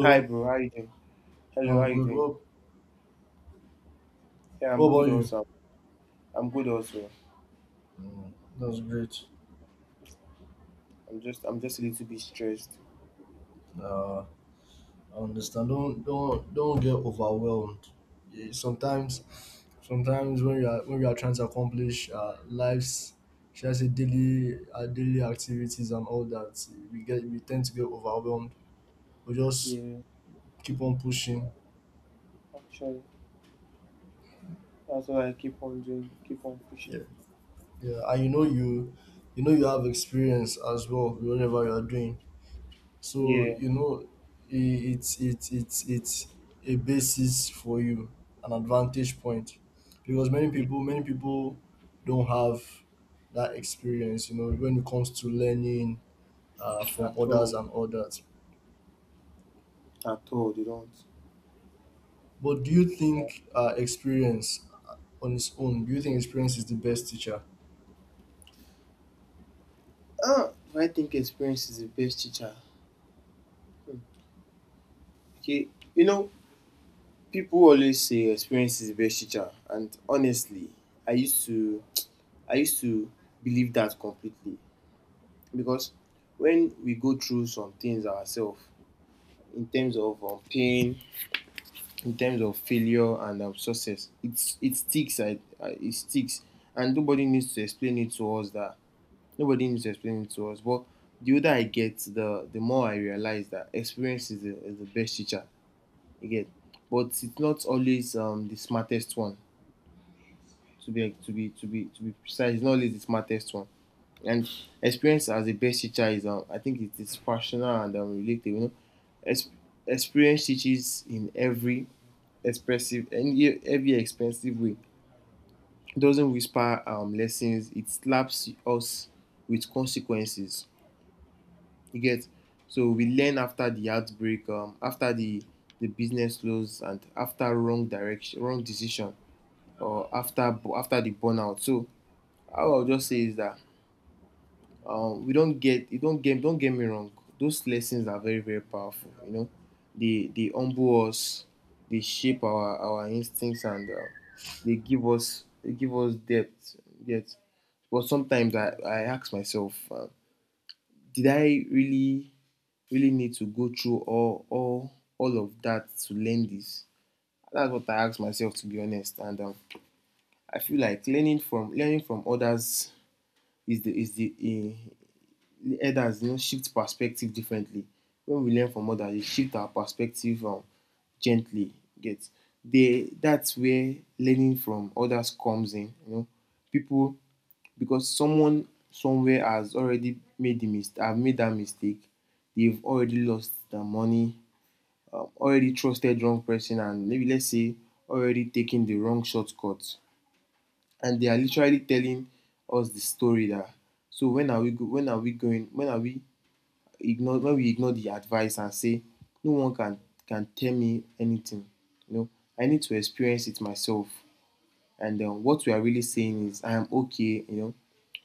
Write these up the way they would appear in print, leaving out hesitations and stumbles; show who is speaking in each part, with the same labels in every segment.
Speaker 1: Hi, bro. How you doing? Hello. How
Speaker 2: I'm
Speaker 1: you
Speaker 2: good.
Speaker 1: doing? Yeah,
Speaker 2: What
Speaker 1: I'm good.
Speaker 2: about you?
Speaker 1: Also, I'm good. Also,
Speaker 2: Mm, That's great.
Speaker 1: I'm just a little bit stressed.
Speaker 2: Uh, I understand. Don't get overwhelmed. Yeah. Sometimes when you are trying to accomplish should I say daily daily activities and all that, we tend to get overwhelmed. We just
Speaker 1: Yeah,
Speaker 2: keep on pushing.
Speaker 1: actually, that's what I keep on doing. Keep on pushing.
Speaker 2: Yeah, yeah. And you know you know you have experience as well. Whatever you are doing, so
Speaker 1: Yeah,
Speaker 2: you know, it's a basis for you, an advantage point, because
Speaker 1: yeah.
Speaker 2: many people don't have that experience. You know, when it comes to learning from
Speaker 1: At
Speaker 2: others
Speaker 1: all,
Speaker 2: and all that.
Speaker 1: at all, they don't.
Speaker 2: But do you think experience on its own? Do you think experience is the best teacher?
Speaker 1: Ah, do I think experience is the best teacher? Hmm. Okay, you know, people always say experience is the best teacher, and honestly, I used to, I used to believe that completely because when we go through some things ourselves in terms of pain, in terms of failure and success. It sticks. I it sticks, and nobody needs to explain it to us. That nobody needs to explain it to us. But the older I get, the more I realize that experience is the best teacher. You get, but it's not always the smartest one to be precise. It's not always the smartest one. And experience as a best teacher is, I think, it is personal and related. You know, Ex- experience teaches in every expressive and every expensive way. It doesn't whisper lessons. It slaps us with consequences. You get, so we learn after the outbreak, after the business loss, and after wrong direction, wrong decision, or after the burnout. So how I'll just say is that we don't get you don't get me wrong. Those lessons are very very powerful. You know, they humble us, they shape our instincts, and they give us depth. Yet, but sometimes I ask myself, did I really need to go through all of that to learn this? That's what I ask myself to be honest, and I feel like learning from others is the eh, elders, you know, shift perspective differently. When we learn from others, dey shift our perspective gently, you get. Dey Dats where learning from others comes in, you know. People, because someone somewhere has already made the mis have made that mistake, they've already lost their money, already trusted wrong person, and maybe, let's say, already taken the wrong shortcut, and they are literally telling us the story dat. So when we ignore the advice and say no one can tell me anything. You know, I need to experience it myself. And then what we are really saying is, I am okay,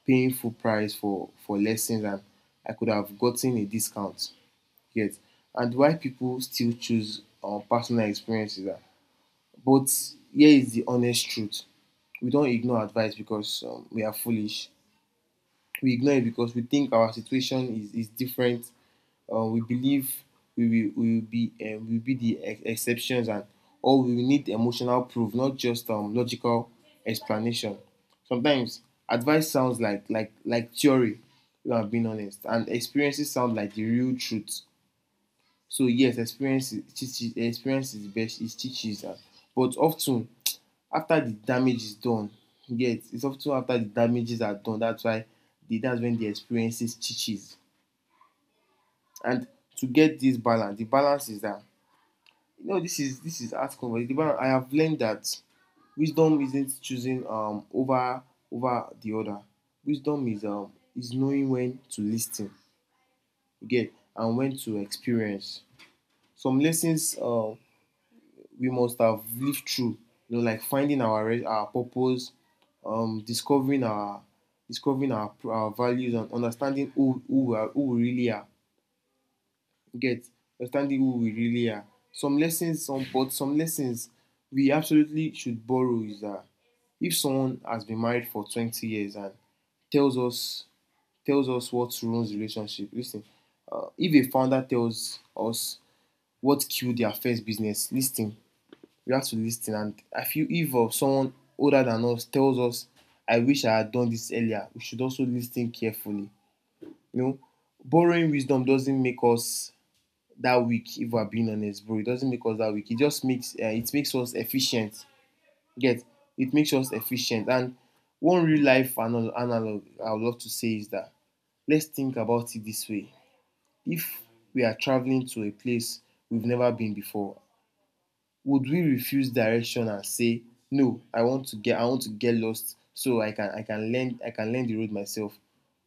Speaker 1: paying full price for lessons and I could have gotten a discount. Yes. And why people still choose personal experiences. Ah. But here is the honest truth. We don't ignore advice because we are foolish. We ignore it because we think our situation is different. We believe we we will be, we will be the exceptions, and or we will need emotional proof, not just logical explanation. Sometimes advice sounds like theory, if I'm being honest, and experiences sound like the real truth. So yes, experience is best is teaches, but often after the damage is done. You It's often after the damages are done, that's why the that's when the experiences teaches. And to get this balance, the balance is that, no, this is art conversation. I have learned that wisdom isn't choosing over the other. Wisdom is knowing when to listen, you get, and when to experience. Some lessons, we must have lived through, you know, like finding our our purpose, um, discovering our discovering our values, and understanding who who we really are. You get, understanding who we really are. Some lessons we absolutely should borrow, is that if someone has been married for 20 years and tells us tells us what ruins relationship, listen. If a founder tells us what killed their first business, listen. We have to listen. And I feel, if someone older than us tells us, I wish I had done this earlier, we should also listen carefully, you know. Borrowing wisdom doesn't make us that weak. If we're being honest, bro, it doesn't make us that weak. It just makes it makes us efficient. Get, it makes us efficient. And one real life analog I would love to say is that, let's think about it this way: if we are traveling to a place we've never been before, would we refuse direction and say no? I want to get lost so I can learn the road myself.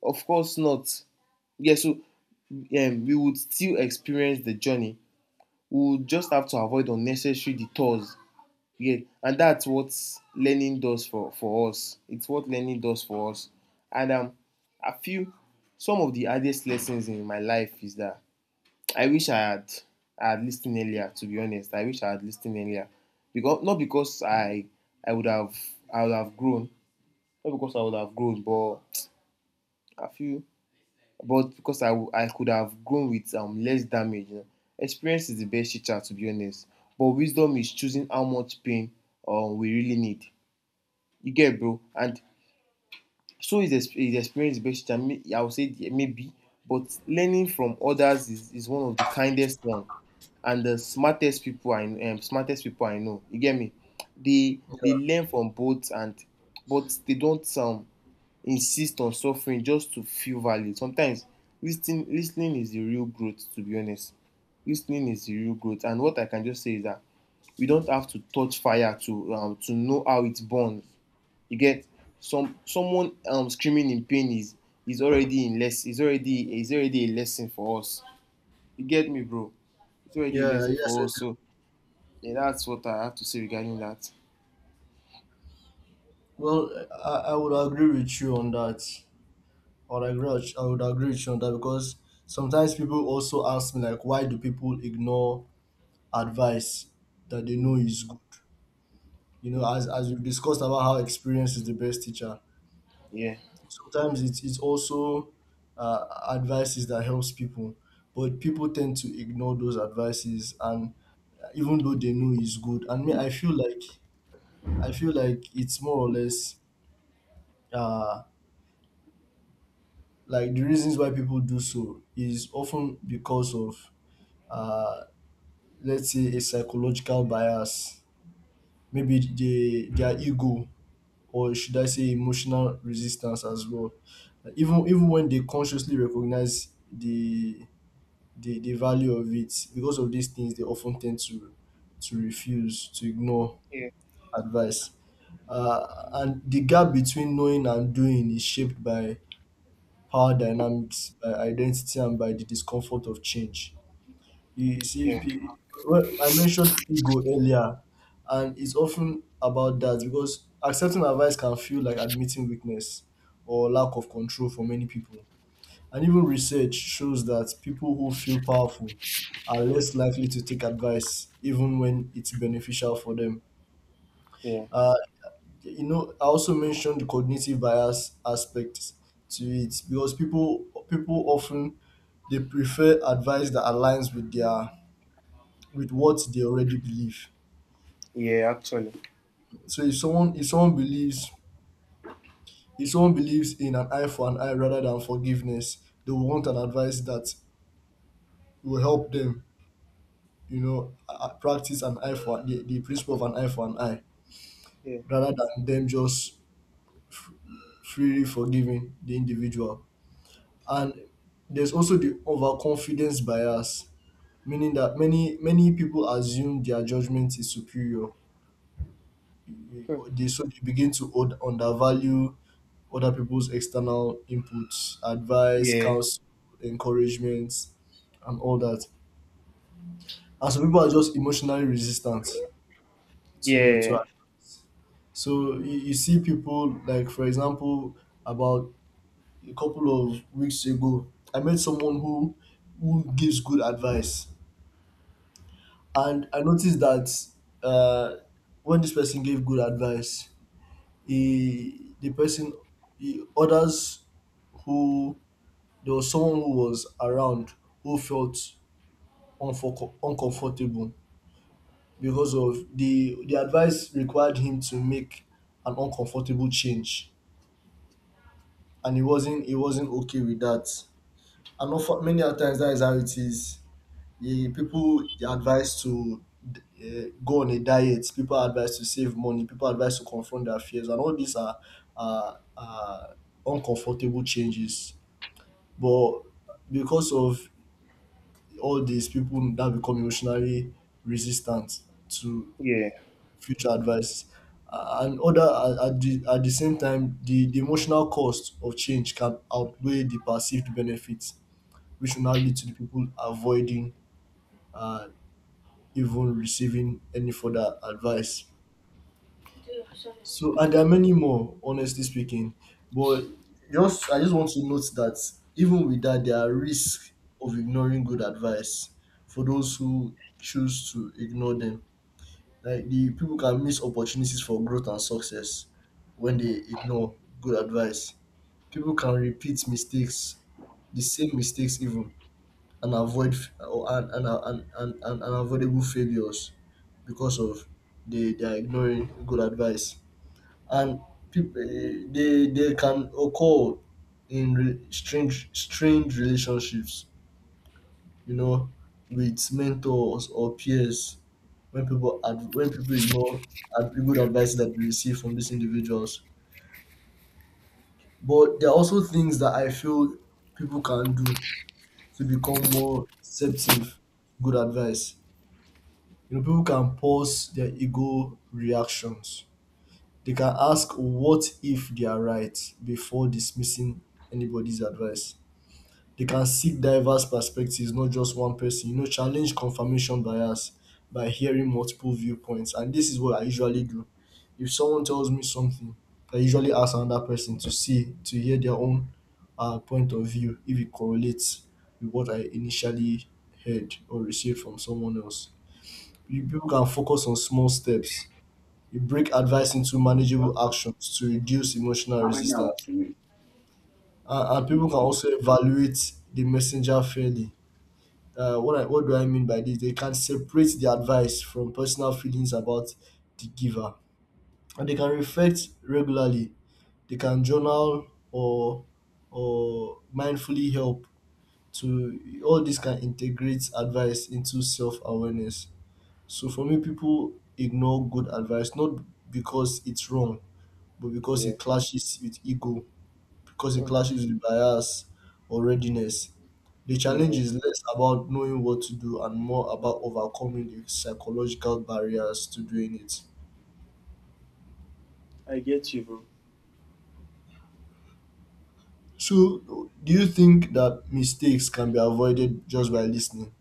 Speaker 1: Of course not. Yeah, so we would still experience the journey, we would just have to avoid unnecessary detours. Yeah, and that's what learning does for us. It's what learning does for us. And I feel some of the hardest lessons in my life is that I wish I had listened earlier. To be honest, I wish I had listened earlier, because not because I would have I would have grown, not because I would have grown, but I feel but because I could have grown with less damage. You know. Experience is the best teacher, to be honest. But wisdom is choosing how much pain, we really need. You get, bro? And so is experience the best teacher. I would say maybe, but learning from others is one of the kindest one and the smartest people I know. You get me? They learn from both, and but they don't insist on suffering just to feel valued. Sometimes listening is the real growth, to be honest. Listening is the real growth, and what I can just say is that we don't have to touch fire to know how it burns. You get? Someone screaming in pain is already a lesson for us. You get me, bro? It's already a
Speaker 2: Yeah.
Speaker 1: lesson
Speaker 2: Yes,
Speaker 1: for
Speaker 2: I
Speaker 1: us,
Speaker 2: do.
Speaker 1: so yeah, that's what I have to say regarding that.
Speaker 2: Well, I would agree with you on that. or I agree, I would agree with you on that because sometimes people also ask me like, why do people ignore advice that they know
Speaker 1: Mhm.
Speaker 2: is good? You know, as we discussed about how experience is the best teacher.
Speaker 1: Yeah.
Speaker 2: Sometimes it's also uh, advices that helps people, but people tend to ignore those advices, and even though they know is good, and me, I feel like it's more or less uh like the reasons why people do so is often because of uh let's say a psychological bias, maybe they their ego or should I say emotional resistance as well. Like, even when they consciously recognize the value of it, because of these things they often tend to refuse, to ignore
Speaker 1: Yeah.
Speaker 2: advice. And the gap between knowing and doing is shaped by power dynamics, by identity and by the discomfort of change. You see,
Speaker 1: Yeah.
Speaker 2: pe- well, I mentioned ego earlier, and it's often about that because accepting advice can feel like admitting weakness or lack of control for many people. And even research shows that people who feel powerful are less likely to take advice, even when it's beneficial for them.
Speaker 1: Yeah.
Speaker 2: Uh, you know, I also mentioned the cognitive bias aspect to it because people often they prefer advice that aligns with their with what they already believe.
Speaker 1: Yeah, actually.
Speaker 2: So if someone believes, if someone believes in an eye for an eye rather than forgiveness, they will want an advice that will help them, you know, practice an eye for the principle of an eye for an eye
Speaker 1: Yeah.
Speaker 2: rather than them just f- freely forgiving the individual. And there's also the overconfidence bias, meaning that many people assume their judgment is superior.
Speaker 1: Hmm.
Speaker 2: So they begin to undervalue other people's external inputs, advice,
Speaker 1: Yeah.
Speaker 2: counsel, encouragement, and all that. And some people are just emotionally resistant to
Speaker 1: Yeah,
Speaker 2: act. So you see people like, for example, about a couple of weeks ago, I met someone who gives good advice, and I noticed that uh, when this person gave good advice, he, the person, he, others who there was someone who was around who felt uncomfortable because of the advice required him to make an uncomfortable change and he wasn't okay with that, and often many a times that is how it is. Yeah, people are advised to go on a diet, people are advised to save money, people are advised to confront their fears, and all these are uncomfortable changes, but because of all these, people that become emotionally resistant to
Speaker 1: yeah.
Speaker 2: future advice. And other At, at the same time the emotional cost of change can outweigh the perceived benefits, which will now lead to the people avoiding uh, even receiving any further advice. So, and there are many more honestly speaking, but just I just want to note that even with that there are risks of ignoring good advice for those who choose to ignore them, like the people can miss opportunities for growth and success when they ignore good advice. People can repeat mistakes, the same mistakes even, and avoid f- or and unavoidable failures because of they are ignoring good advice. And people they can occur in strange strange relationships, you know, with mentors or peers when when people ignore good advice that they receive from these individuals. But there are also things that I feel people can do to become more receptive to good advice. You know, people can pause their ego reactions. They can ask what if they are right before dismissing anybody's advice. They can seek diverse perspectives, not just one person. You know, challenge confirmation bias by hearing multiple viewpoints, and this is what I usually do. If someone tells me something, I usually ask another person to see to hear their own point of view, if it correlates with what I initially heard or received from someone else. People can focus on small steps. You break advice into manageable actions to reduce emotional
Speaker 1: How many hours?
Speaker 2: resistance,
Speaker 1: Mm.
Speaker 2: and people can also evaluate the messenger fairly. What do I mean by this? They can separate the advice from personal feelings about the giver, and they can reflect regularly. They can journal or mindfully help to all this can integrate advice into self awareness. So for me, people ignore good advice not because it's wrong, but because
Speaker 1: Yeah,
Speaker 2: it clashes with ego, because it
Speaker 1: mm,
Speaker 2: clashes with bias or readiness. The challenge
Speaker 1: yeah.
Speaker 2: is less about knowing what to do and more about overcoming the psychological barriers to doing it.
Speaker 1: I get you,
Speaker 2: So, do you think that mistakes can be avoided just by listening?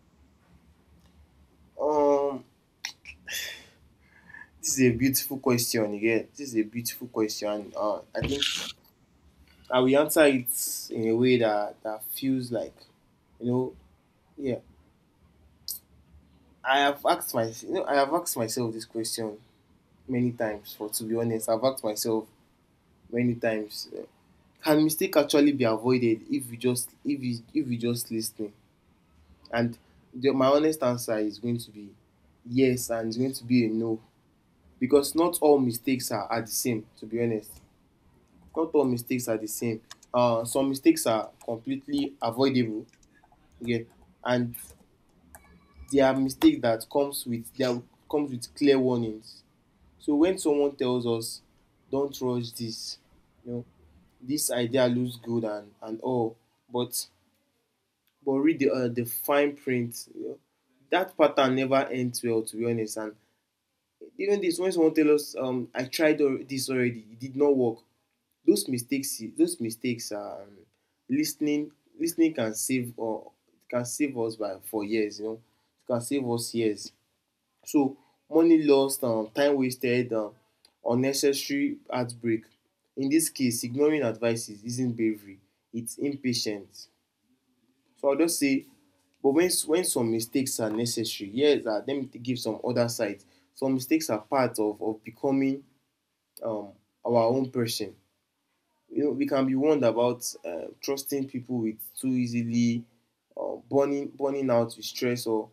Speaker 1: bro. This is a beautiful question. Yeah, this is a beautiful question. And I think I will answer it in a way that feels like, you know, yeah. I have asked I have asked myself this question many times. For to be honest, I've asked myself many times. Can mistake actually be avoided if you just listen? And my honest answer is going to be yes, and it's going to be a no. Because not all mistakes are the same, to be honest. Not all mistakes are the same. Some mistakes are completely avoidable, okay? And there are mistakes that comes with clear warnings. So when someone tells us, "Don't rush this," you know, this idea looks good and all, but read the fine print. You know, that pattern never ends well, to be honest, and even this, when someone tell us, I tried this already, it did not work. Those mistakes listening listening can save us by, for years, you know. It can save us years. So money lost, time wasted, unnecessary heartbreak. In this case, ignoring advices isn't bravery, it's impatience. So I'll just say, but when some mistakes are necessary, yes, let me give some other sides. Some mistakes are part of becoming, um, our own person. You know, we can be warned about, trusting people with too easily, burning out with stress, or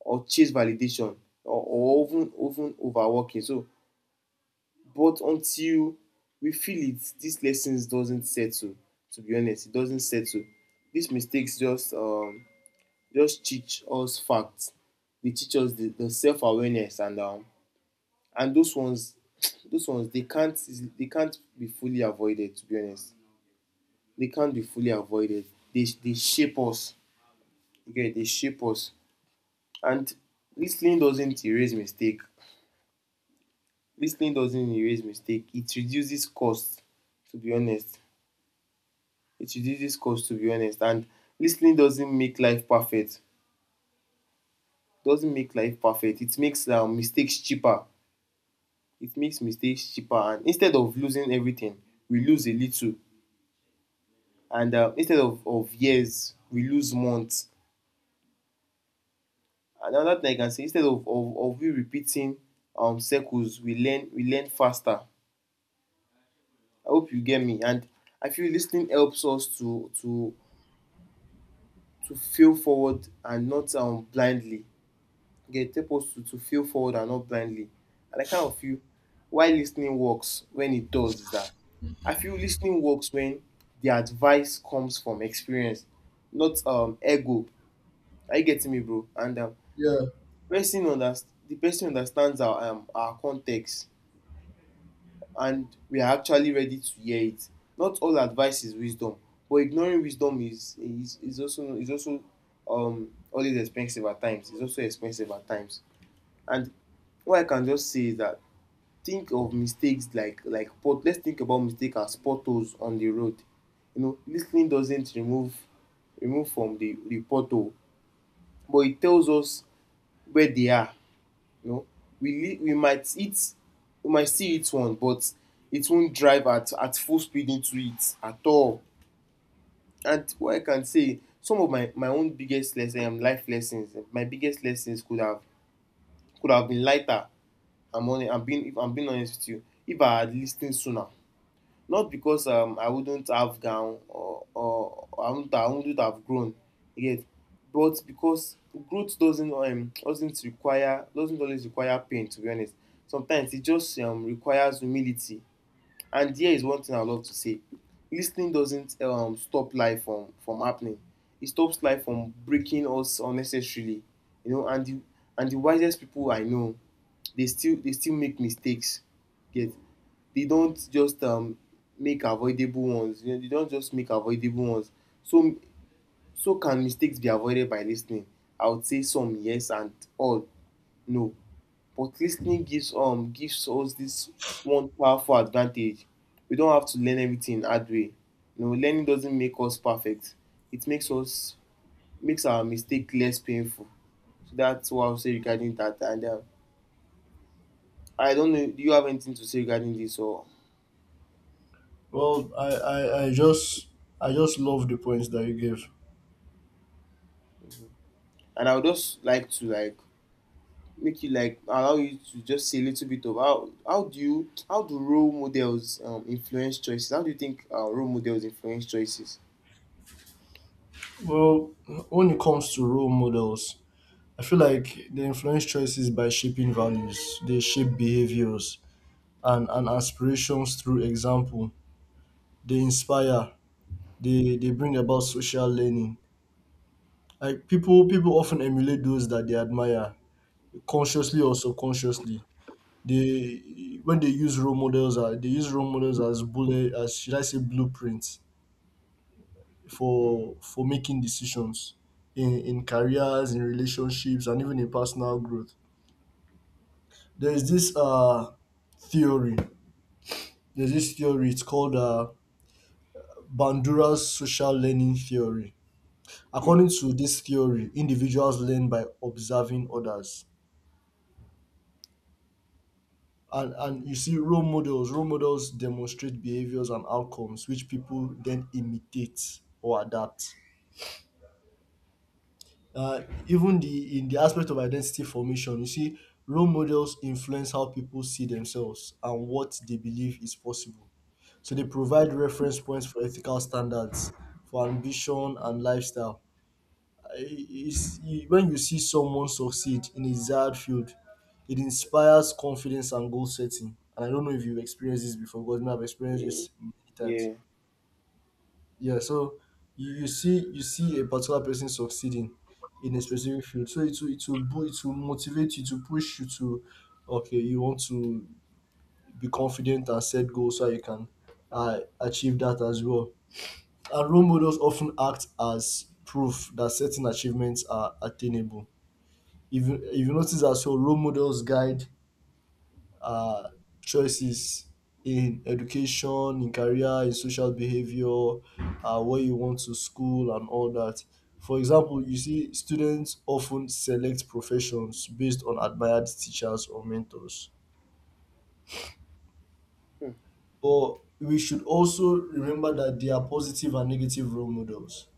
Speaker 1: chase validation, or even overworking. So, but until we feel it, these lessons doesn't settle. To be honest, it doesn't settle. These mistakes just teach us facts. They teach us the self awareness and those ones those ones they can't be fully avoided, to be honest. They can't be fully avoided. They shape us. Okay, they shape us. And listening doesn't erase mistake. Listening doesn't erase mistake. It reduces cost, to be honest. It reduces cost, to be honest. And listening doesn't make life perfect. Doesn't make life perfect. It makes, mistakes cheaper. It makes mistakes cheaper, and instead of losing everything we lose a little, and instead of years we lose months. And another thing I can say, instead of we repeating circles, we learn faster. I hope you get me. And I feel listening helps us to feel forward and not blindly. Get help us to feel forward and not blindly. And I kind of feel why listening works when it does is that I feel listening works when the advice comes from experience, not ego. Are you getting me, bro? And
Speaker 2: Yeah.
Speaker 1: the person understands our context, and we are actually ready to hear it. Not all advice is wisdom, but ignoring wisdom is also always expensive at times. It's also expensive at times. And what I can just say is that think of mistakes like pot. Let's think about mistake as potholes on the road. You know, listening doesn't remove from the pothole, but it tells us where they are. You know, we we might hit we might see hit one, but it won't drive at full speed into it at all. And what I can say, some of my own life lessons, my biggest lessons could have been lighter. I'm only I'm being if I'm being honest with you, if I had listened sooner, not because I wouldn't have gone or I wouldn't have grown yet, but because growth doesn't require doesn't always require pain, to be honest. Sometimes it just requires humility. And here is one thing I love to say: lis ten ing doesn't stop life from happening, it stops life from breaking us unnecessarily. You know, and the wisest people I know, they still make mistakes. Get they don't just make avoidable ones. You know, they don't just make avoidable ones. So So can mistakes be avoided by listening? I would say some yes and all no. But listening gives us this one powerful advantage. We don't have to learn everything hard way. You know, learning doesn't make us perfect. It makes our mistake less painful. So that's what I'll say regarding that. And I don't know, do you have anything to say regarding this? Or
Speaker 2: Well, I just love the points that you gave.
Speaker 1: and I would just like to like make you like allow you to just say a little bit of how do role models influence choices? How do you think role models influence choices?
Speaker 2: Well, when it comes to role models, I feel like they influence choices by shaping values. They shape behaviors and aspirations through example. They inspire, they bring about social learning. Like people often emulate those that they admire, consciously or subconsciously. They when they use role models, they use role models as bullet as should I say blueprints for making decisions in careers, in relationships, and even in personal growth. There is this theory there's this theory, it's called Bandura's social learning theory. According to this theory, individuals learn by observing others, and you see role models demonstrate behaviors and outcomes, which people then imitate or adapt. uh, Even the in the aspect of identity formation, you see role models influence how people see themselves and what they believe is possible. So they provide reference points for ethical standards, for ambition and lifestyle. Is When you see someone succeed in a desired field, it inspires confidence and goal setting. And I don't know if you've experienced this before, because me, I've experienced
Speaker 1: Mm,
Speaker 2: this many times.
Speaker 1: yeah.
Speaker 2: Yeah, so you see a particular person succeeding in a specific field. So it will it will motivate you to push you to, okay, you want to be confident and set goals so you can achieve that as well. And role models often act as proof that certain achievements are attainable, if if you notice that. So role models guide our choices in education, in career, in social behavior, where you want to school and all that. For example, you see students often select professions based on admired teachers or mentors,
Speaker 1: Mm,
Speaker 2: but we should also remember that there are positive and negative role models.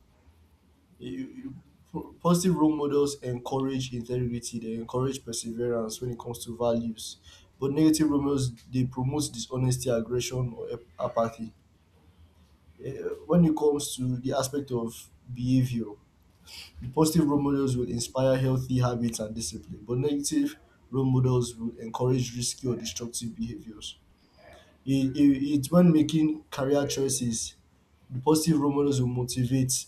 Speaker 2: you, you Positive role models encourage integrity, they encourage perseverance when it comes to values, but negative role models they promote dishonesty, aggression or apathy. Eh, when it comes to the aspect of behavior, the positive role models will inspire healthy habits and discipline, but negative role models will encourage risky or destructive behaviors. It, it's When making career choices, the positive role models will motivate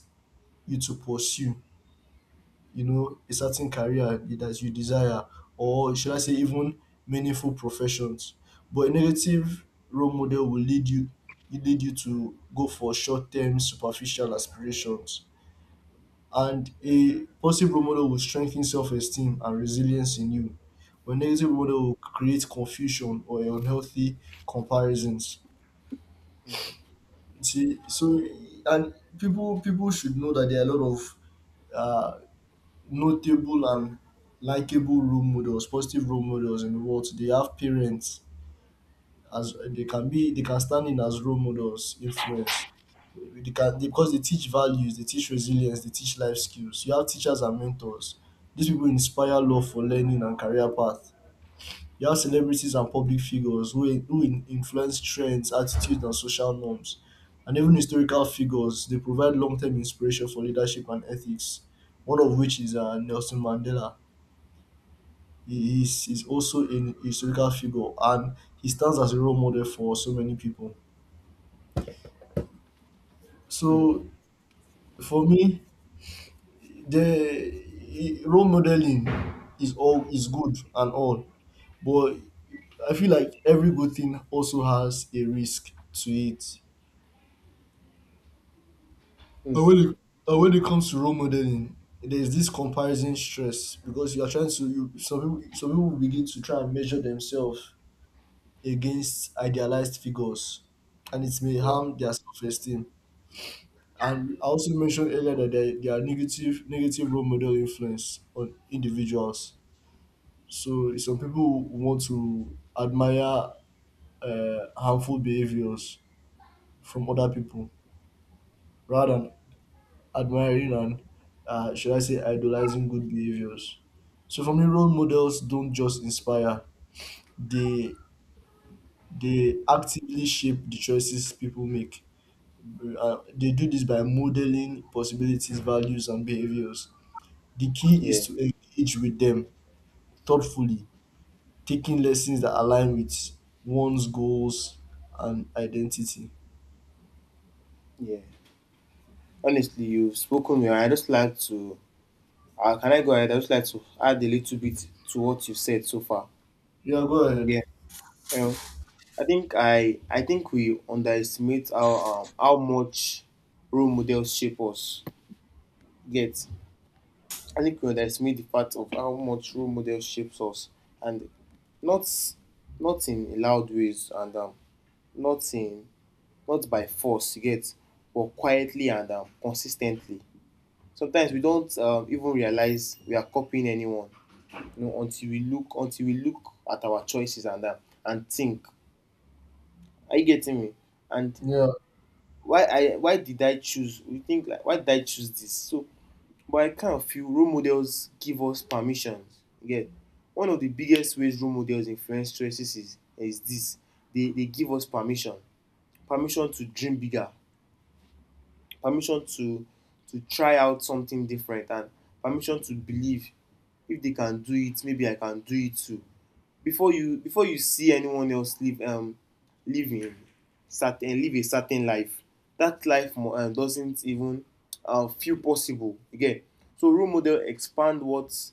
Speaker 2: you to pursue, you know, a certain career that you desire, or should I say even meaningful professions. But a negative role model will lead you, to go for short term superficial aspirations. And a positive role model will strengthen self esteem and resilience in you. But negative role model will create confusion or unhealthy comparisons. See, so and people should know that there are a lot of uh, notable and likable role models, positive role models in the world. They have parents, as they can be, they can stand in as role models influence. Because they teach values, they teach resilience, they teach life skills. You have teachers and mentors. These people inspire love for learning and career path. You have celebrities and public figures who, influence trends, attitudes and social norms, and even historical figures. They provide long-term inspiration for leadership and ethics. One of which is Nelson Mandela. He is also a historical figure, and he stands as a role model for so many people.
Speaker 1: mm, mm,
Speaker 2: So for me, the role modeling is all is good and all, but I feel like every good thing also has a risk to it.
Speaker 1: mm.
Speaker 2: And when it, and when it comes to role modeling, there's this comparison stress because you are trying to some people begin to try and measure themselves against idealized figures, and it may
Speaker 1: Yeah.
Speaker 2: harm their self-esteem. And I also mentioned earlier that there are negative role model influence on individuals. So some people want to admire harmful behaviors from other people rather than admiring and, should I say, idolizing good behaviors. So for me, role models don't just inspire, they they actively shape the choices people make. They do this by modeling possibilities, values, and behaviors. The key
Speaker 1: Yeah.
Speaker 2: is to engage with them thoughtfully, taking lessons that align with one's goals and identity.
Speaker 1: Yeah. Honestly, you've spoken well. I just like to. Can I go ahead? I just like to add a little bit to what you said so far.
Speaker 2: Yeah, go ahead.
Speaker 1: Yeah. Um, I think we underestimate how much role models shape us. Get I think we underestimate the fact of how much role model shapes us, and not not in loud ways and not in not by force, you get, but quietly and consistently. Sometimes we don't even realize we are copying anyone, you know, until we look at our choices and think, are you getting me? And
Speaker 2: Yeah,
Speaker 1: why did I choose? We think like why did I choose this? So but I kind of feel role models give us permission. Yeah, one of the biggest ways role models influence choices is this: they give us permission, permission to dream bigger, permission to try out something different, and permission to believe if they can do it, maybe I can do it too. Before you see anyone else live living certain live a certain life, doesn't even feel possible again. So role model expand what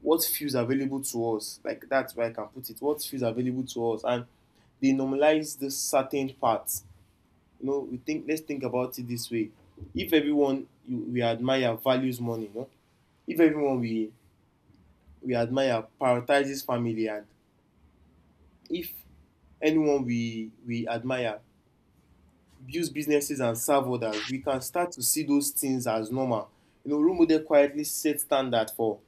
Speaker 1: what feels available to us, like that's where I can put it, what feels available to us. And they normalize the certain parts. You know, we think, let's think about it this way: if we admire values money, you know, if everyone we admire prioritizes family, and if anyone we admire builds businesses and serve others, we can start to see those things as normal. You know, role model quietly set standard for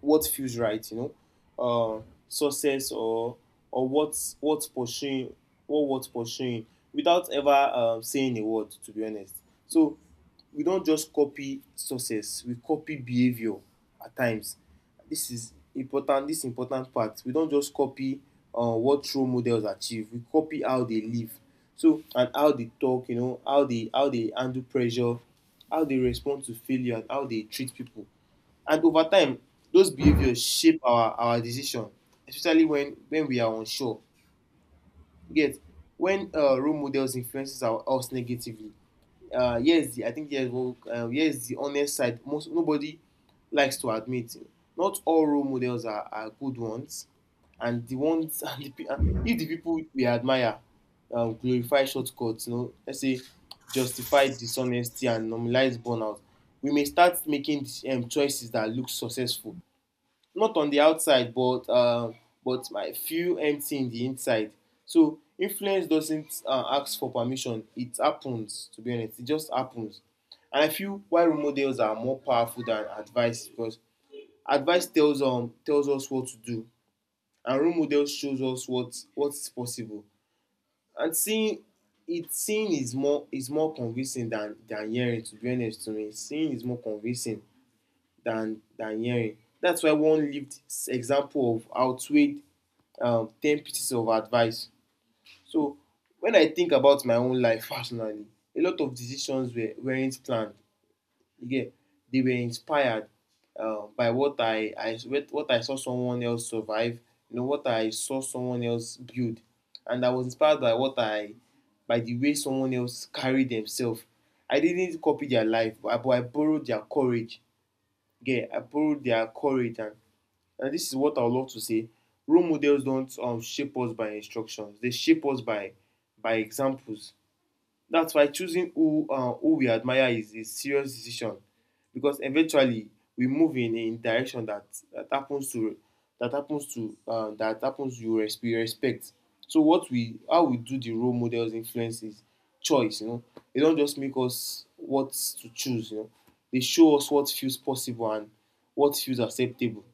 Speaker 1: what feels right, you know, uh, success or what's what's pursuing or what's pursuing without ever saying a word, to be honest. So we don't just copy success; we copy behavior at times. This is important. This important part. We don't just copy what role models achieve. We copy how they live. So and how they talk, you know, how they handle pressure, how they respond to failure, and how they treat people. And over time, those behaviors shape our decisions, especially when we are unsure. Yes, when role models influences our, us negatively. Here's the I think yes what Here's the honest side. Most nobody likes to admit. Not all role models are good ones, and the ones and if the people we admire glorify shortcuts, you know, let's say justify dishonesty and normalize burnout, we may start making choices that look successful not on the outside, but my feel empty in the inside. So influence doesn't ask for permission; it happens. To be honest, it just happens. And I feel why role models are more powerful than advice because advice tells us what to do, and role models shows us what is possible. And seeing is more convincing than hearing. To be honest, to me, seeing is more convincing than hearing. That's why one lived example of outweighed ten pieces of advice. So when I think about my own life personally, a lot of decisions weren't planned. Again, they were inspired by what I saw someone else survive. You know what I saw someone else build, and I was inspired by what I by the way someone else carried themselves. I didn't copy their life, but but I borrowed their courage, yeah, applaud their courage. And this is what I would love to say. Role models don't shape us by instructions; they shape us by examples. That's why choosing who we admire is a serious decision because eventually we move in a direction that that happens to that happens to that happens you res- we respect. So what we how we do the role models influences choice. You know, they don't just make us what to choose. You know, they show us what feels possible and what feels acceptable.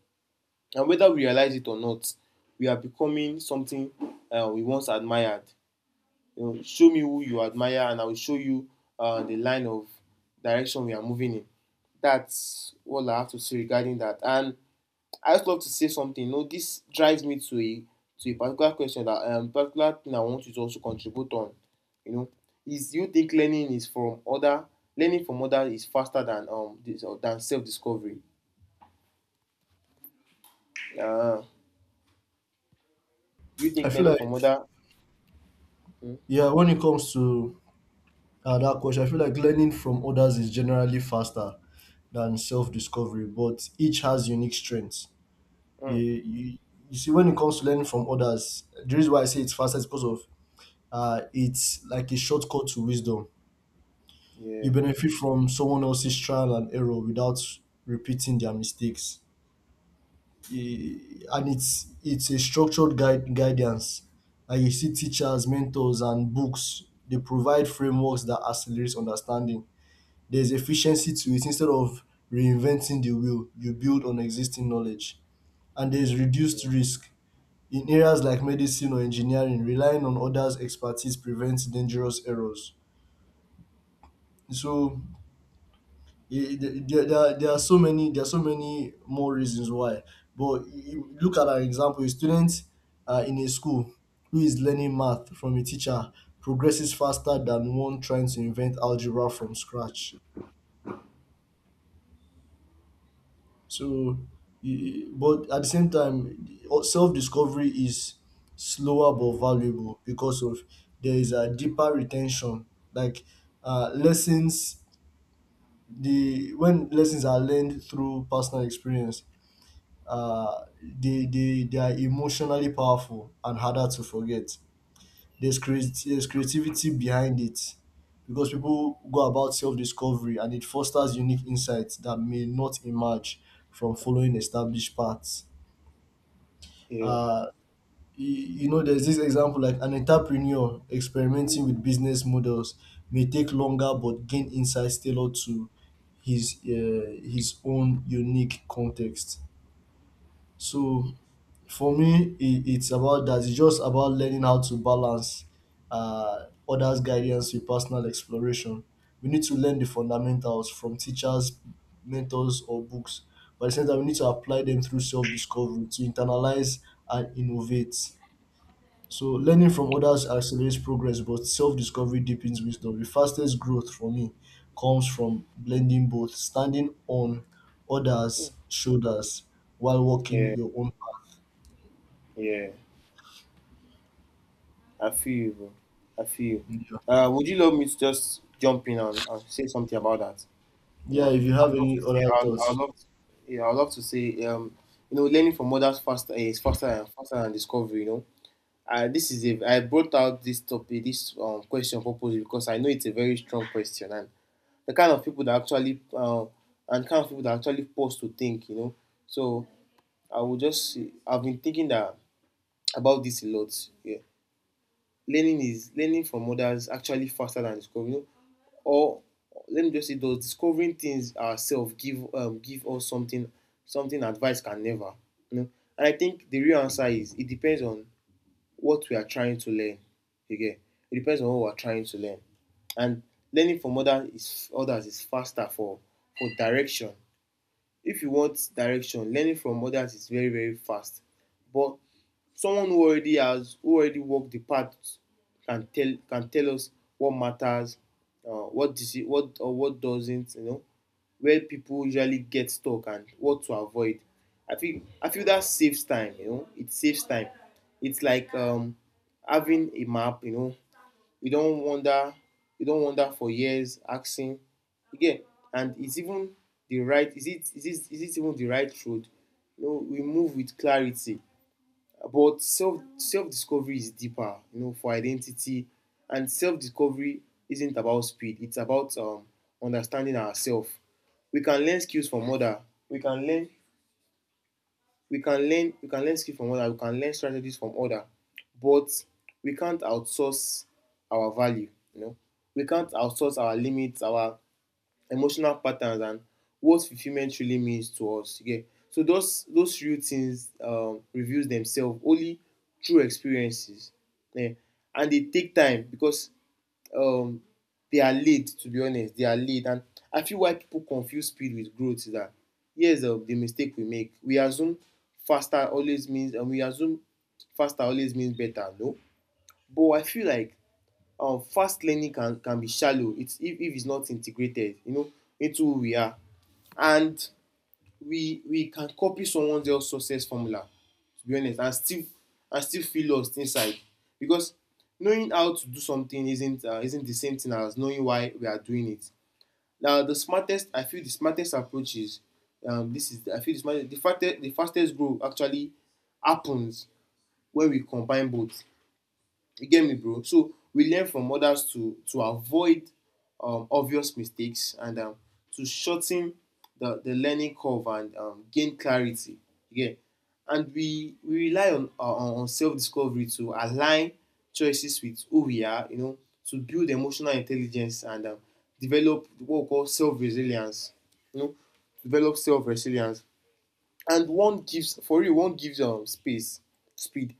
Speaker 1: And whether we realize it or not, we are becoming something we once admired. You know, show me who you admire and I will show you the line of direction we are moving in. That's all I have to say regarding that. And I just love to say something. You know, this drives me to a particular question, that particular thing I want you to also contribute on. You know, is do you think learning from other is faster than than self discovery? Uh, you
Speaker 2: I
Speaker 1: think
Speaker 2: feel
Speaker 1: learning
Speaker 2: like,
Speaker 1: from other? Mm,
Speaker 2: yeah, when it comes to that question, I feel like learning from others is generally faster than self discovery, but each has unique strengths. You,
Speaker 1: mm,
Speaker 2: you, you see, when it comes to learning from others, the reason why I say it's faster is because of, it's like a shortcut to wisdom. You
Speaker 1: yeah,
Speaker 2: benefit from someone else's trial and error without repeating their mistakes. And it's a structured guidance. And you see teachers, mentors, and books. They provide frameworks that accelerates understanding. There's efficiency to it. Instead of reinventing the wheel, you build on existing knowledge. And there's reduced risk. In areas like medicine or engineering, relying on others' expertise prevents dangerous errors. So there are so many more reasons why, but you look at an example: a student in a school who is learning math from a teacher progresses faster than one trying to invent algebra from scratch. So but at the same time, self-discovery is slower but valuable because of, there is a deeper retention. Like, lessons, the when lessons are learned through personal experience, they are emotionally powerful and harder to forget. There's creativity behind it because people go about self discovery and it fosters unique insights that may not emerge from following established paths.
Speaker 1: yeah,
Speaker 2: Uh, you know, there's this example like an entrepreneur experimenting with business models may take longer but gain insights tailored to his own unique context. So for me, it's about that. It's just about learning how to balance others' guidance with personal exploration. We need to learn the fundamentals from teachers, mentors, or books. But at the same time, we need to apply them through self discovery to internalize and innovate. So learning from others accelerates progress, but self discovery deepens wisdom. The fastest growth for me comes from blending both, standing on
Speaker 1: mm,
Speaker 2: others' shoulders while walking
Speaker 1: yeah,
Speaker 2: your own.
Speaker 1: yeah. I feel you, bro. I feel you.
Speaker 2: Yeah,
Speaker 1: Would you love me to just jump in and say something about that? You
Speaker 2: yeah,
Speaker 1: know,
Speaker 2: if you have
Speaker 1: I'd love
Speaker 2: any
Speaker 1: to say,
Speaker 2: other
Speaker 1: I'd
Speaker 2: thoughts.
Speaker 1: love, to, yeah, I'd love to say, you know, learning from others faster is faster and faster than discovery. You know, this is a. I brought out this topic, this question purposely because I know it's a very strong question and the kind of people that actually and kind of people that actually pause to think. You know, so I would just. I've been thinking that about this a lot. Yeah, learning from others actually faster than discovering. You know, or let me just say those discovering things ourselves give us something, something advice can never, you know. And I think the real answer is it depends on what we are trying to learn. Again, it depends on what we're trying to learn. And learning from others is faster for direction. If you want direction, learning from others is very very fast. But someone who already has who already walked the path can tell us what matters, what or what doesn't, you know, where people usually get stuck and what to avoid. I feel that saves time, you know, it saves time. It's like having a map, you know. you not wonder you not wonder for years asking again. And it's even the right— is it even the right road? You know, we move with clarity. But self discovery is deeper, you know, for identity. And self discovery isn't about speed, it's about understanding ourselves. We can learn skills from other. We can learn we can learn we can learn skill from other, we can learn strategies from other. But we can't outsource our value, you know. We can't outsource our limits, our emotional patterns, and what fulfillment really means to us, yeah. So those real things, reveals themselves only through experiences, yeah. And they take time because um, they are late, to be honest, they are late. And I feel why people confuse speed with growth is that here's the mistake we make. We assume faster always means— and we assume faster always means better. No. But I feel like fast learning can be shallow it's if it's not integrated, you know, into who we are. And we can copy someone else's success formula, to be honest, and still— and still feel lost inside, because knowing how to do something isn't the same thing as knowing why we are doing it. Now the smartest— I feel the smartest approach is this is— I feel the smartest— the fastest growth actually happens when we combine both. You get me, bro? So we learn from others to avoid obvious mistakes, and to shorten the learning curve, and gain clarity. Yeah, and we rely on self discovery to align choices with who we are. You know, to build emotional intelligence, and develop what we call self resilience. You know, develop self resilience. And one gives, for real, one gives space, speed,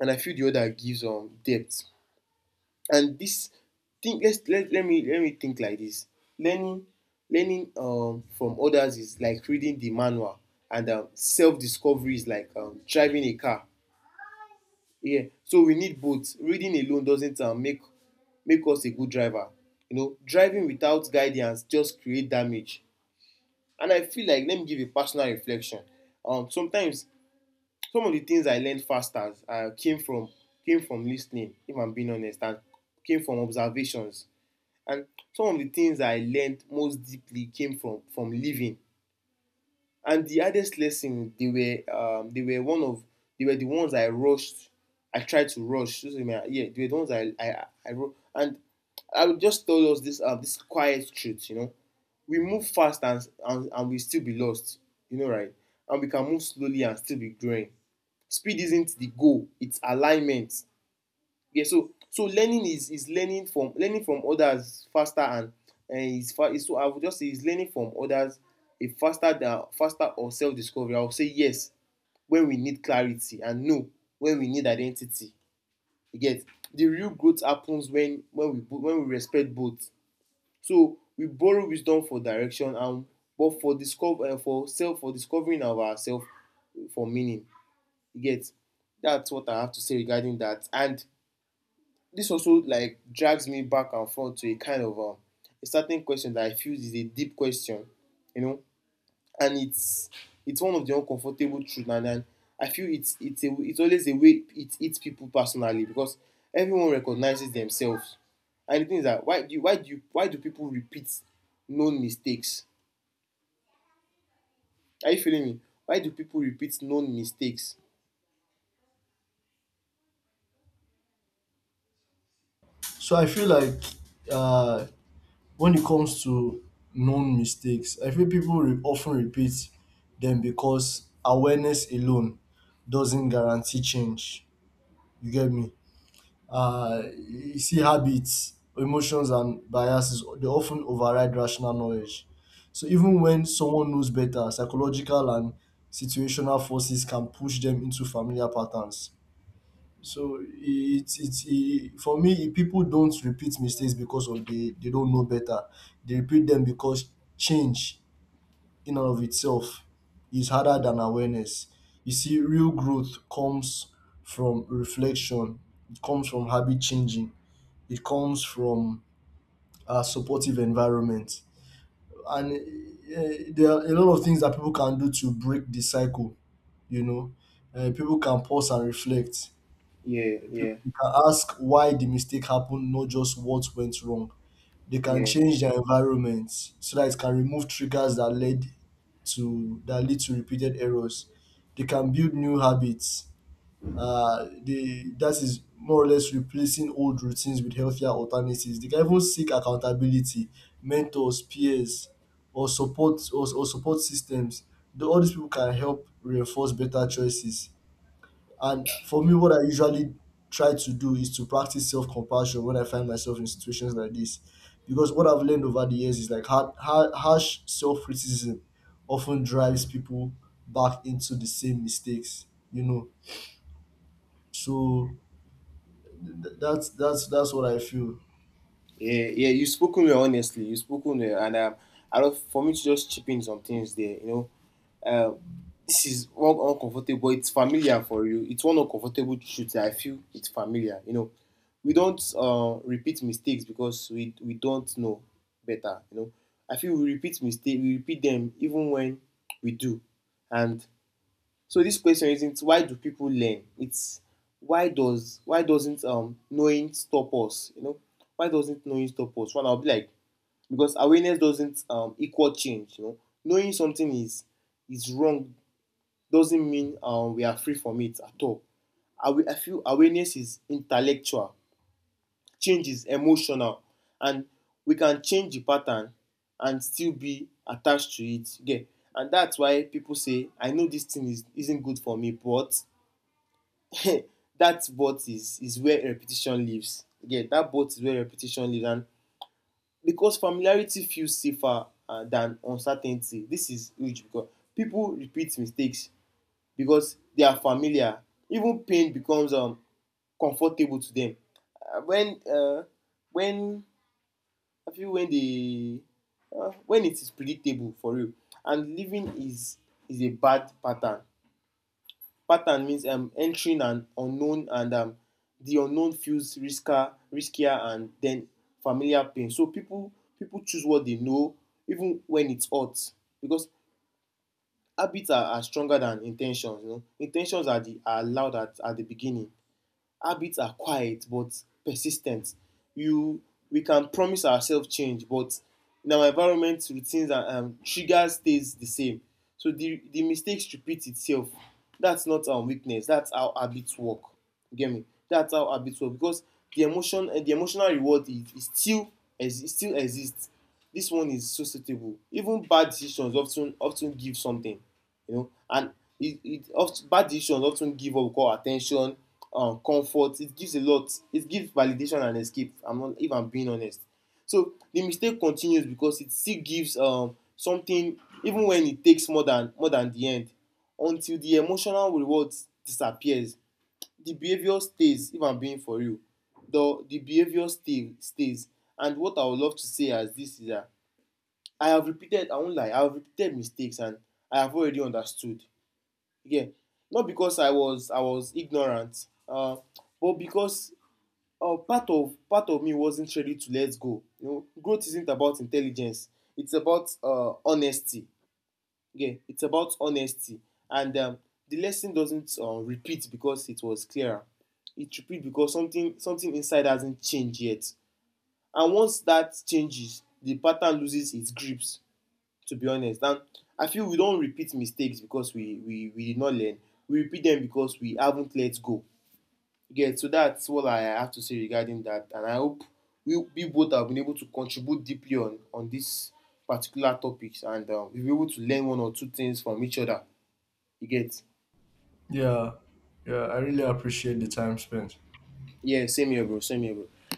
Speaker 1: and I feel the other gives depth. And this thing, let's— let me think like this. Learning— learning from others is like reading the manual, and self-discovery is like driving a car. Yeah, so we need both. Reading alone doesn't make us a good driver, you know. Driving without guidance just create damage. And I feel like, let me give a personal reflection. Sometimes some of the things I learned faster came from— came from listening, if I'm being honest, and came from observations. And some of the things I learned most deeply came from living. And the hardest lesson, they were one of they were the ones I rushed. I tried to rush. Yeah, they were the ones I wrote. And I would just tell us this this quiet truth, you know. We move fast, and we still be lost, you know, right? And we can move slowly and still be growing. Speed isn't the goal; it's alignment, yeah. So so learning is— is learning from— learning from others faster, and— and is fa— is— so I would just say, is learning from others a faster than— faster, or self discovery? I would say yes when we need clarity, and no when we need identity. You get. The real growth happens when— when we bo- when we respect both. So we borrow wisdom for direction, and but for discover— for self— for discovering of ourself, eh, for meaning. You get. That's what I have to say regarding that. And this also, like, drags me back and forth to a kind of a certain question that I feel is a deep question, you know. And it's— it's one of the uncomfortable truths, and I feel it's— it's a— it's always a way it hits people personally, because everyone recognizes themselves. And the thing is that, why do people repeat known mistakes? Are you feeling me? Why do people repeat known mistakes?
Speaker 2: So I feel like, uh, when it comes to known mistakes, I feel people often repeat them because awareness alone doesn't guarantee change. You get me?
Speaker 1: Mm-hmm.
Speaker 2: You see, habits, emotions, and biases, they often override rational knowledge. So even when someone knows better, psychological and situational forces can push them into familiar patterns. So it for me, people don't repeat mistakes because of, they don't know better. They repeat them because change in and of itself is harder than awareness. You see, real growth comes from reflection. It comes from habit changing. It comes from a supportive environment, and eh, there are a lot of things that people can do to break the cycle. You know, people can pause and reflect.
Speaker 1: Yeah,
Speaker 2: People
Speaker 1: yeah,
Speaker 2: You can ask why the mistake happened, not just what went wrong. They can
Speaker 1: yeah.
Speaker 2: change their environment so that it can remove triggers that led to that lead to repeated errors. They can build new habits. They That is more or less replacing old routines with healthier alternatives. They can even seek accountability, mentors, peers, or support systems. All these people can help reinforce better choices. And for me, what I usually try to do is to practice self compassion when I find myself in situations like this. Because what I've learned over the years is like, harsh self criticism often drives people back into the same mistakes, you know. So that's what I feel.
Speaker 1: Yeah, yeah, you spoken well, honestly. You spoken well, and I love for me to just chip in some things there. You know, uh, this is one uncomfortable— it's familiar for you. It's one uncomfortable truth that I feel it's familiar. You know, we don't repeat mistakes because we don't know better. You know, I feel we repeat mistake. We repeat them even when we do. And so this question isn't why do people learn? It's why does— why doesn't knowing stop us? You know, why doesn't knowing stop us? One, I'll be like, because awareness doesn't equal change. You know, knowing something is— is wrong doesn't mean we are free from it at all. I feel awareness is intellectual, change is emotional, and we can change the pattern and still be attached to it. Yeah. And that's why people say, I know this thing is— isn't good for me, but that but is— is where repetition lives. Yeah, that but is where repetition lives. And because familiarity feels safer than uncertainty, this is huge, because people repeat mistakes because they are familiar. Even pain becomes comfortable to them. Uh, when uh, when I feel when they when it is predictable, for real. And living is— is a bad pattern. Pattern means entering an unknown, and the unknown feels riskier, riskier, and then familiar pain. So people choose what they know even when it's hurts, because habits are— are stronger than intentions. You know, intentions are the— are allowed at— at the beginning, habits are quiet but persistent. You— we can promise ourselves change, but in our environment, routines and triggers stays the same. So the— the mistakes repeat itself. That's not our weakness. That's how habits work. You get me? That's how habits work, because the emotion— the emotional reward is— is still exi- still exists. This one is so suitable. Even bad decisions often give something, you know. And it often— bad decisions often give what we call at comfort. It gives a lot, it gives validation and escape, I'm not— if I'm being honest. So the mistake continues because it still gives something, even when it takes more than— more than the end. Until the emotional reward disappears, the behaviour stays, if I'm being for real. The— the behaviour stay— stays. And what I would love to say as this is that I have repeated— I won't lie, I have repeated mistakes and I have already understood, yeah. Not because I was— I was ignorant, but because part of— part of me wasn't ready to let go. You know, growth isn't about intelligence, it's about honesty. Yeah, it's about honesty. And the lesson doesn't repeat because it was clearer. It repeats because something— something inside hasn't changed yet. And once that changes, the pattern loses its grips, to be honest. And I feel we don't repeat mistakes because we— we did not learn. We repeat them because we haven't let go. You get. So that's what I have to say regarding that. And I hope we both have been able to contribute deeply on— on this particular topics, and we'll be able to learn one or two things from each other. You get.
Speaker 2: Yeah, yeah, I really appreciate the time spent.
Speaker 1: Yeah, same here, bro. Same here, bro.